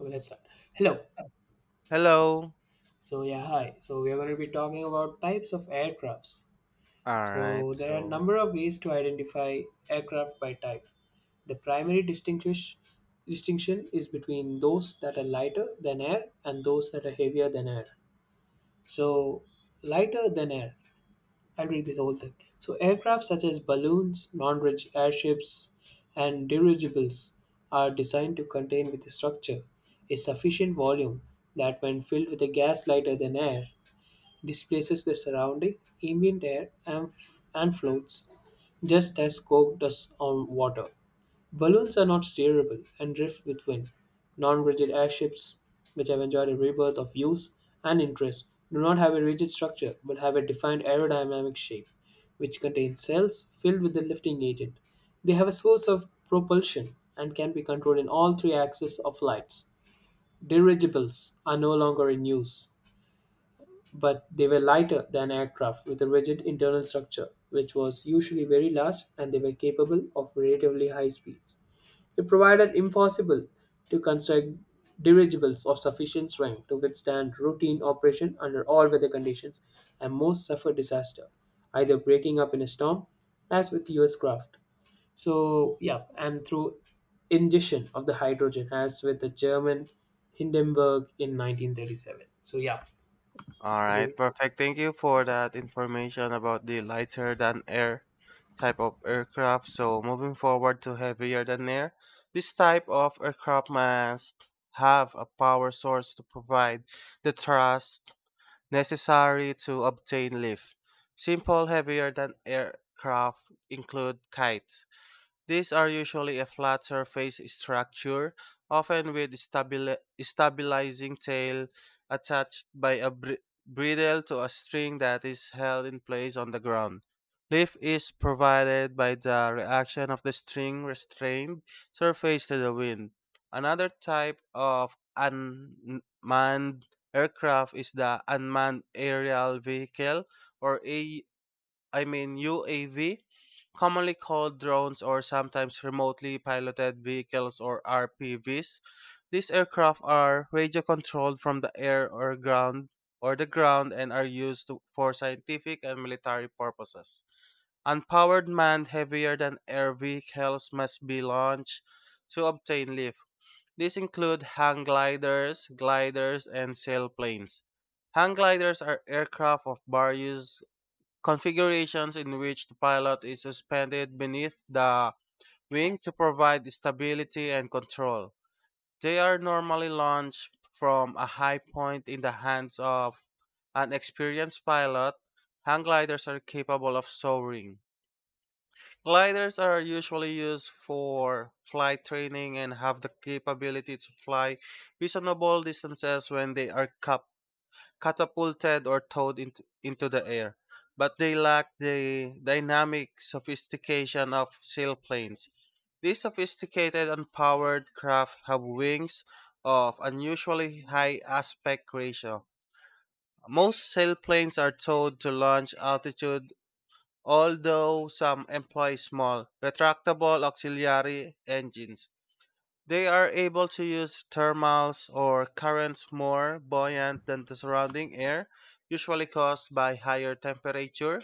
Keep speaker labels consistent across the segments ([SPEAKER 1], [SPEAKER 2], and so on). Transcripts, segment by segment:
[SPEAKER 1] Okay, let's start. Hello.
[SPEAKER 2] Hello.
[SPEAKER 1] So yeah, hi. So we are going to be talking about types of aircrafts.
[SPEAKER 2] All right.
[SPEAKER 1] So there are a
[SPEAKER 2] So,
[SPEAKER 1] number of ways to identify aircraft by type. The primary distinguish distinction is between those that are lighter than air and those that are heavier than air. So lighter than air, I'll read this whole thing. So, aircraft such as balloons, non rigid airships, and dirigibles are designed to contain with the structure a sufficient volume that, when filled with a gas lighter than air, displaces the surrounding ambient air and, and floats, just as Coke does on water. Balloons are not steerable and drift with wind. Non rigid airships, which have enjoyed a rebirth of use and interest, do not have a rigid structure but have a defined aerodynamic shape, which contains cells filled with the lifting agent. They have a source of propulsion and can be controlled in all three axes of flights. Dirigibles are no longer in use, but they were lighter than aircraft with a rigid internal structure, which was usually very large, and they were capable of relatively high speeds. It provided impossible to construct dirigibles of sufficient strength to withstand routine operation under all weather conditions, and most suffered disaster, either breaking up in a storm, as with US craft. And through ingestion of the hydrogen, as with the German Hindenburg in 1937. So, yeah,
[SPEAKER 2] all
[SPEAKER 1] could you?
[SPEAKER 2] right. Perfect. Thank you for that information about the lighter than air type of aircraft. So, moving forward to heavier than air, this type of aircraft must have a power source to provide the thrust necessary to obtain lift. Simple heavier than aircraft include kites. These are usually a flat surface structure, often with stabilizing tail attached by a bridle to a string that is held in place on the ground. Lift is provided by the reaction of the string restrained surface to the wind. Another type of unmanned aircraft is the unmanned aerial vehicle or A I mean UAV, commonly called drones or sometimes remotely piloted vehicles or RPVs. These aircraft are radio controlled from the air or ground or the ground and are used for scientific and military purposes. Unpowered manned heavier than air vehicles must be launched to obtain lift. These include hang gliders, gliders, and sailplanes. Hang gliders are aircraft of various configurations in which the pilot is suspended beneath the wing to provide stability and control. They are normally launched from a high point in the hands of an experienced pilot. Hang gliders are capable of soaring. Gliders are usually used for flight training and have the capability to fly reasonable distances when they are coupled catapulted or towed into the air, but they lack the dynamic sophistication of sailplanes. These sophisticated and powered craft have wings of unusually high aspect ratio. Most sailplanes are towed to launch altitude, although some employ small, retractable auxiliary engines. They are able to use thermals or currents more buoyant than the surrounding air, usually caused by higher temperature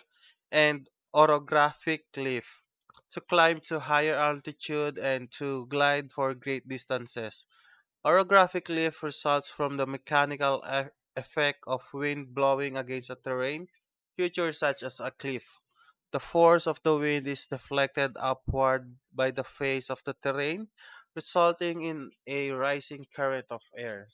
[SPEAKER 2] and orographic cliff, to climb to higher altitude and to glide for great distances. Orographic lift results from the mechanical effect of wind blowing against a terrain, features such as a cliff. The force of the wind is deflected upward by the face of the terrain, resulting in a rising current of air.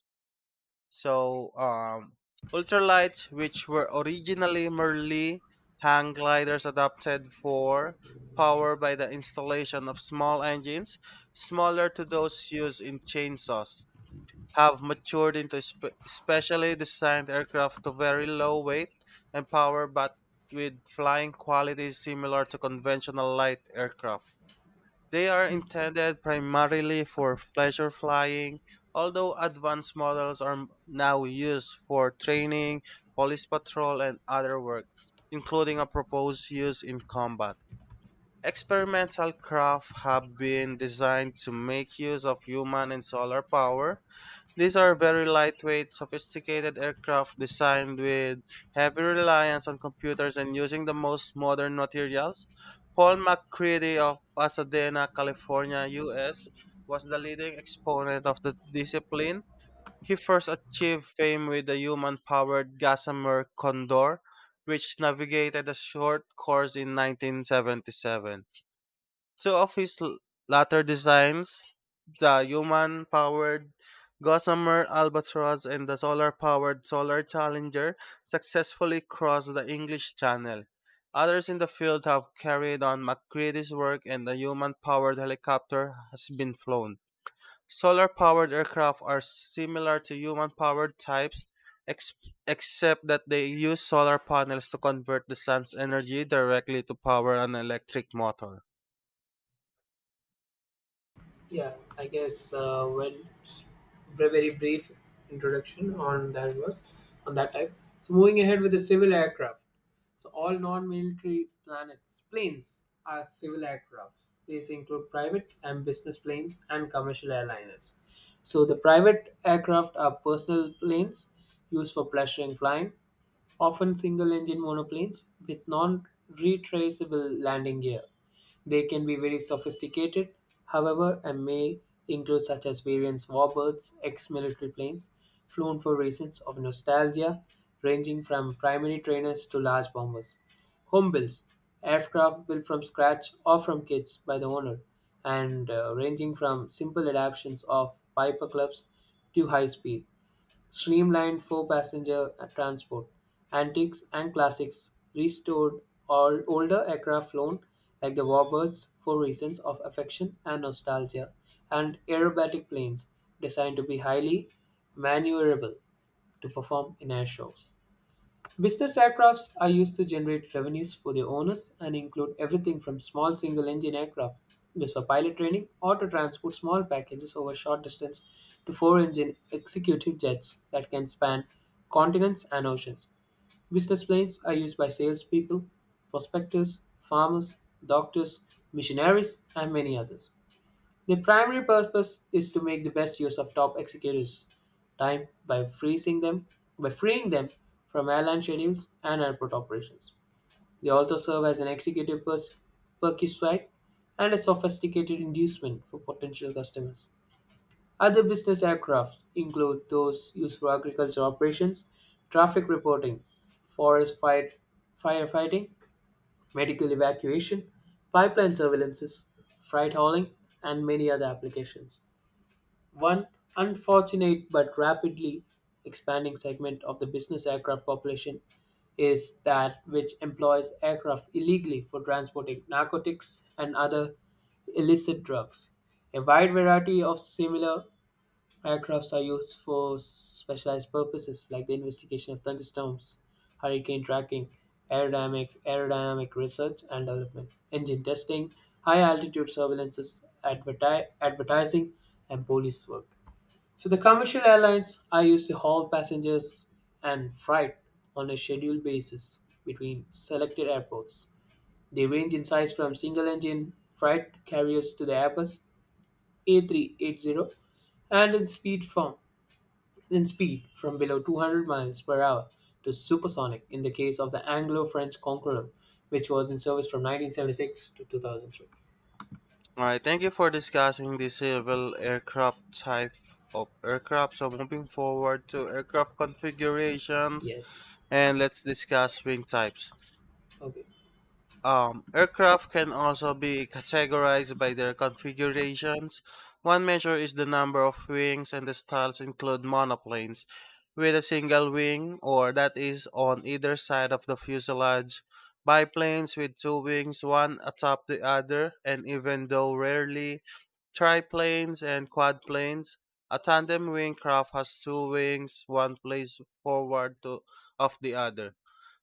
[SPEAKER 2] So, um, Ultralights, which were originally merely hang gliders adapted for power by the installation of small engines, smaller to those used in chainsaws, have matured into specially designed aircraft to very low weight and power but with flying qualities similar to conventional light aircraft. They are intended primarily for pleasure flying, although advanced models are now used for training, police patrol, and other work, including a proposed use in combat. Experimental craft have been designed to make use of human and solar power. These are very lightweight, sophisticated aircraft designed with heavy reliance on computers and using the most modern materials. Paul McCready of Pasadena, California, US, was the leading exponent of the discipline. He first achieved fame with the human powered Gossamer Condor, which navigated a short course in 1977. Two of his latter designs, the human powered Gossamer Albatross and the solar powered Solar Challenger, successfully crossed the English Channel. Others in the field have carried on McCready's work, and the human powered helicopter has been flown. Solar powered aircraft are similar to human powered types, ex- except that they use solar panels to convert the sun's energy directly to power an electric motor.
[SPEAKER 1] Yeah, I guess, well, s- very brief introduction on that was on that type. So moving ahead with the civil aircraft. So all non-military planets planes are civil aircraft. These include private and business planes and commercial airliners. So the private aircraft are personal planes used for pleasure and flying, often single-engine monoplanes with non-retraceable landing gear. They can be very sophisticated, however, and may include such as variants warbirds, ex-military planes, flown for reasons of nostalgia, ranging from primary trainers to large bombers. Home builds, aircraft built from scratch or from kits by the owner, and ranging from simple adaptations of Piper clubs to high speed streamlined for passenger transport. Antiques and classics restored all older aircraft flown like the warbirds for reasons of affection and nostalgia, and aerobatic planes designed to be highly maneuverable to perform in air shows. Business aircrafts are used to generate revenues for their owners and include everything from small single engine aircraft used for pilot training or to transport small packages over short distance to four engine executive jets that can span continents and oceans. Business planes are used by salespeople, prospectors, farmers, doctors, missionaries, and many others. The primary purpose is to make the best use of top executives' time by freezing them by freeing them from airline schedules and airport operations. They also serve as an executive perquisite and a sophisticated inducement for potential customers. Other business aircraft include those used for agriculture operations, traffic reporting, forest fight, firefighting, medical evacuation, pipeline surveillances, freight hauling, and many other applications. One unfortunate but rapidly expanding segment of the business aircraft population is that which employs aircraft illegally for transporting narcotics and other illicit drugs. A wide variety of similar aircrafts are used for specialized purposes like the investigation of thunderstorms, hurricane tracking, aerodynamic research and development, engine testing, high altitude surveillances, advertising, and police work. So the commercial airlines are used to haul passengers and freight on a scheduled basis between selected airports. They range in size from single-engine freight carriers to the Airbus A380, and in speed from below 200 miles per hour to supersonic in the case of the Anglo-French Conqueror, which was in service from 1976 to 2003.
[SPEAKER 2] Alright, thank you for discussing the civil aircraft type of aircraft. So moving forward to aircraft configurations
[SPEAKER 1] Yes.
[SPEAKER 2] and let's discuss wing types.
[SPEAKER 1] Okay.
[SPEAKER 2] Aircraft can also be categorized by their configurations. One measure is the number of wings and the styles include monoplanes with a single wing or that is on either side of the fuselage, biplanes with two wings, one atop the other, and even though rarely triplanes and quadplanes. A tandem wing craft has two wings, one placed of the other.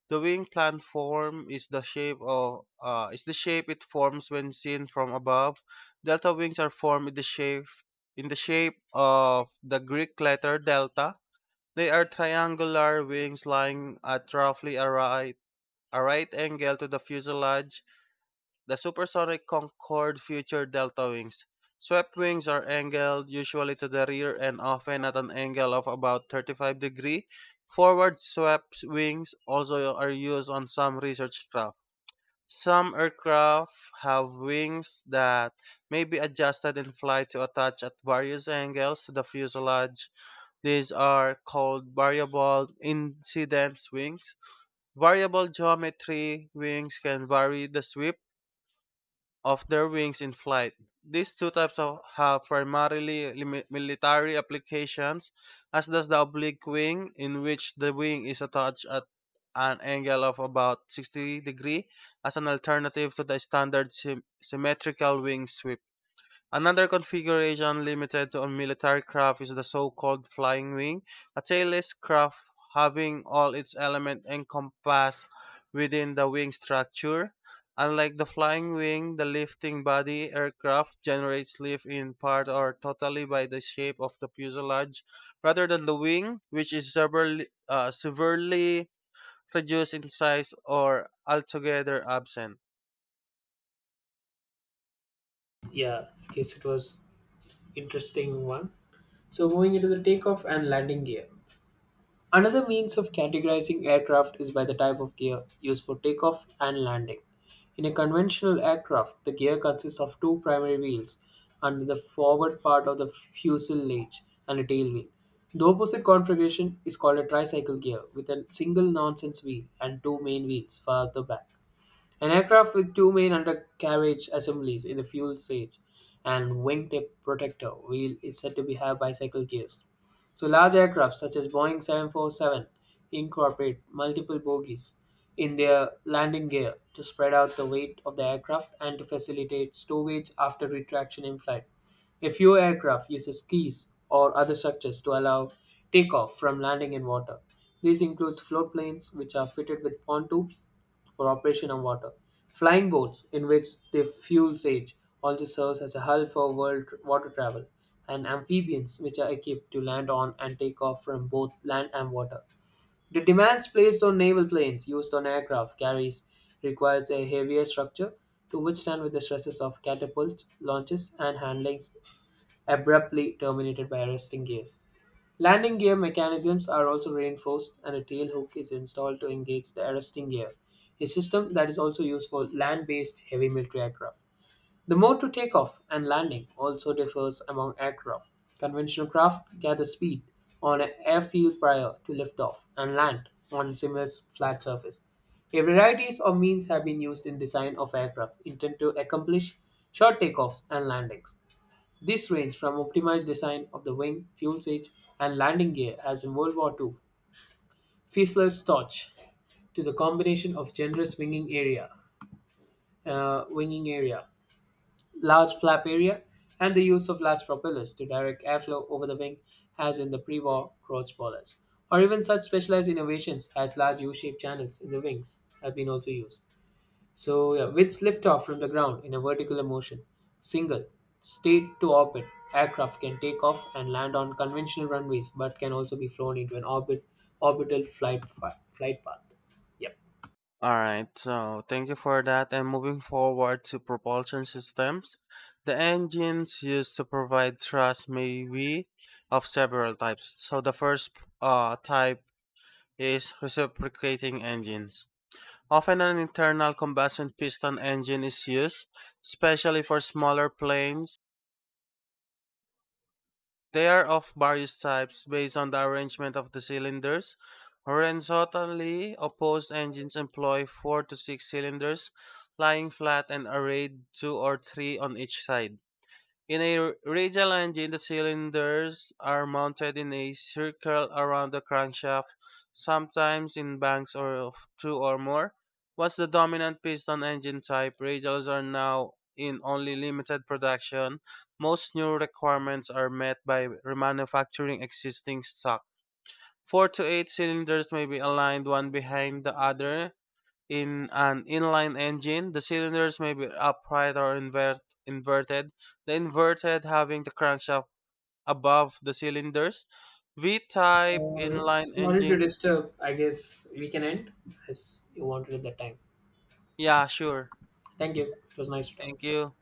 [SPEAKER 2] The wing platform is the shape of is the shape it forms when seen from above. Delta wings are formed in the shape of the Greek letter delta. They are triangular wings lying at roughly a right angle to the fuselage. The supersonic Concorde featured delta wings. Swept wings are angled usually to the rear and often at an angle of about 35 degrees. Forward swept wings also are used on some research craft. Some aircraft have wings that may be adjusted in flight to attach at various angles to the fuselage. These are called variable incidence wings. Variable geometry wings can vary the sweep of their wings in flight. These two types of have primarily military applications, as does the oblique wing, in which the wing is attached at an angle of about 60 degrees, as an alternative to the standard symmetrical wing sweep. Another configuration limited to military craft is the so-called flying wing, a tailless craft having all its elements encompassed within the wing structure. Unlike the flying wing, the lifting body aircraft generates lift in part or totally by the shape of the fuselage, rather than the wing, which is severely reduced in size or altogether absent.
[SPEAKER 1] Yeah. In case it was interesting one. So moving into the takeoff and landing gear. Another means of categorizing aircraft is by the type of gear used for takeoff and landing. In a conventional aircraft, the gear consists of two primary wheels under the forward part of the fuselage and a tail wheel. The opposite configuration is called a tricycle gear with a single nonsense wheel and two main wheels farther back. An aircraft with two main undercarriage assemblies in the fuel stage and wingtip protector wheel is said to be have bicycle gears. So large aircraft such as Boeing 747 incorporate multiple bogies in their landing gear to spread out the weight of the aircraft and to facilitate stowage after retraction in flight. A few aircraft uses skis or other structures to allow takeoff from landing in water. These include float planes, which are fitted with pontoons for operation on water. Flying boats, in which the fuel sage also serves as a hull for world water travel, and amphibians, which are equipped to land on and take off from both land and water. The demands placed on naval planes used on aircraft carriers requires a heavier structure to withstand with the stresses of catapult launches and handlings abruptly terminated by arresting gears. Landing gear mechanisms are also reinforced, and a tail hook is installed to engage the arresting gear, a system that is also used for land based heavy military aircraft. The mode to take off and landing also differs among aircraft. Conventional craft gather speed on an airfield prior to liftoff and land on similar flat surface. A varieties of means have been used in design of aircraft intended to accomplish short takeoffs and landings. This range from optimized design of the wing, fuel fuselage, and landing gear as in World War Two, Fiesler's torch, to the combination of generous winging area, uh, winging area, large flap area, and the use of large propellers to direct airflow over the wing, as in the pre-war Roach boilers, or even such specialized innovations as large U-shaped channels in the wings have been also used. So yeah, which lift off from the ground in a vertical motion. Single, state to orbit. Aircraft can take off and land on conventional runways, but can also be flown into an orbital flight path. Yep.
[SPEAKER 2] All right, so thank you for that. And moving forward to propulsion systems, the engines used to provide thrust may be of several types. So the first type is reciprocating engines. Often an internal combustion piston engine is used, especially for smaller planes. They are of various types based on the arrangement of the cylinders. Horizontally opposed engines employ four to six cylinders lying flat and arrayed two or three on each side. In a radial engine, the cylinders are mounted in a circle around the crankshaft, sometimes in banks or of two or more. What's the dominant piston engine type? Radials are now in only limited production. Most new requirements are met by remanufacturing existing stock. Four to eight cylinders may be aligned one behind the other in an inline engine, the cylinders may be upright or inverted, the inverted having the crankshaft above the cylinders. V type inline
[SPEAKER 1] Sorry to
[SPEAKER 2] engines.
[SPEAKER 1] disturb. I guess we can end as you wanted at that time.
[SPEAKER 2] Yeah, sure.
[SPEAKER 1] Thank you. It was nice to talk.
[SPEAKER 2] Thank you.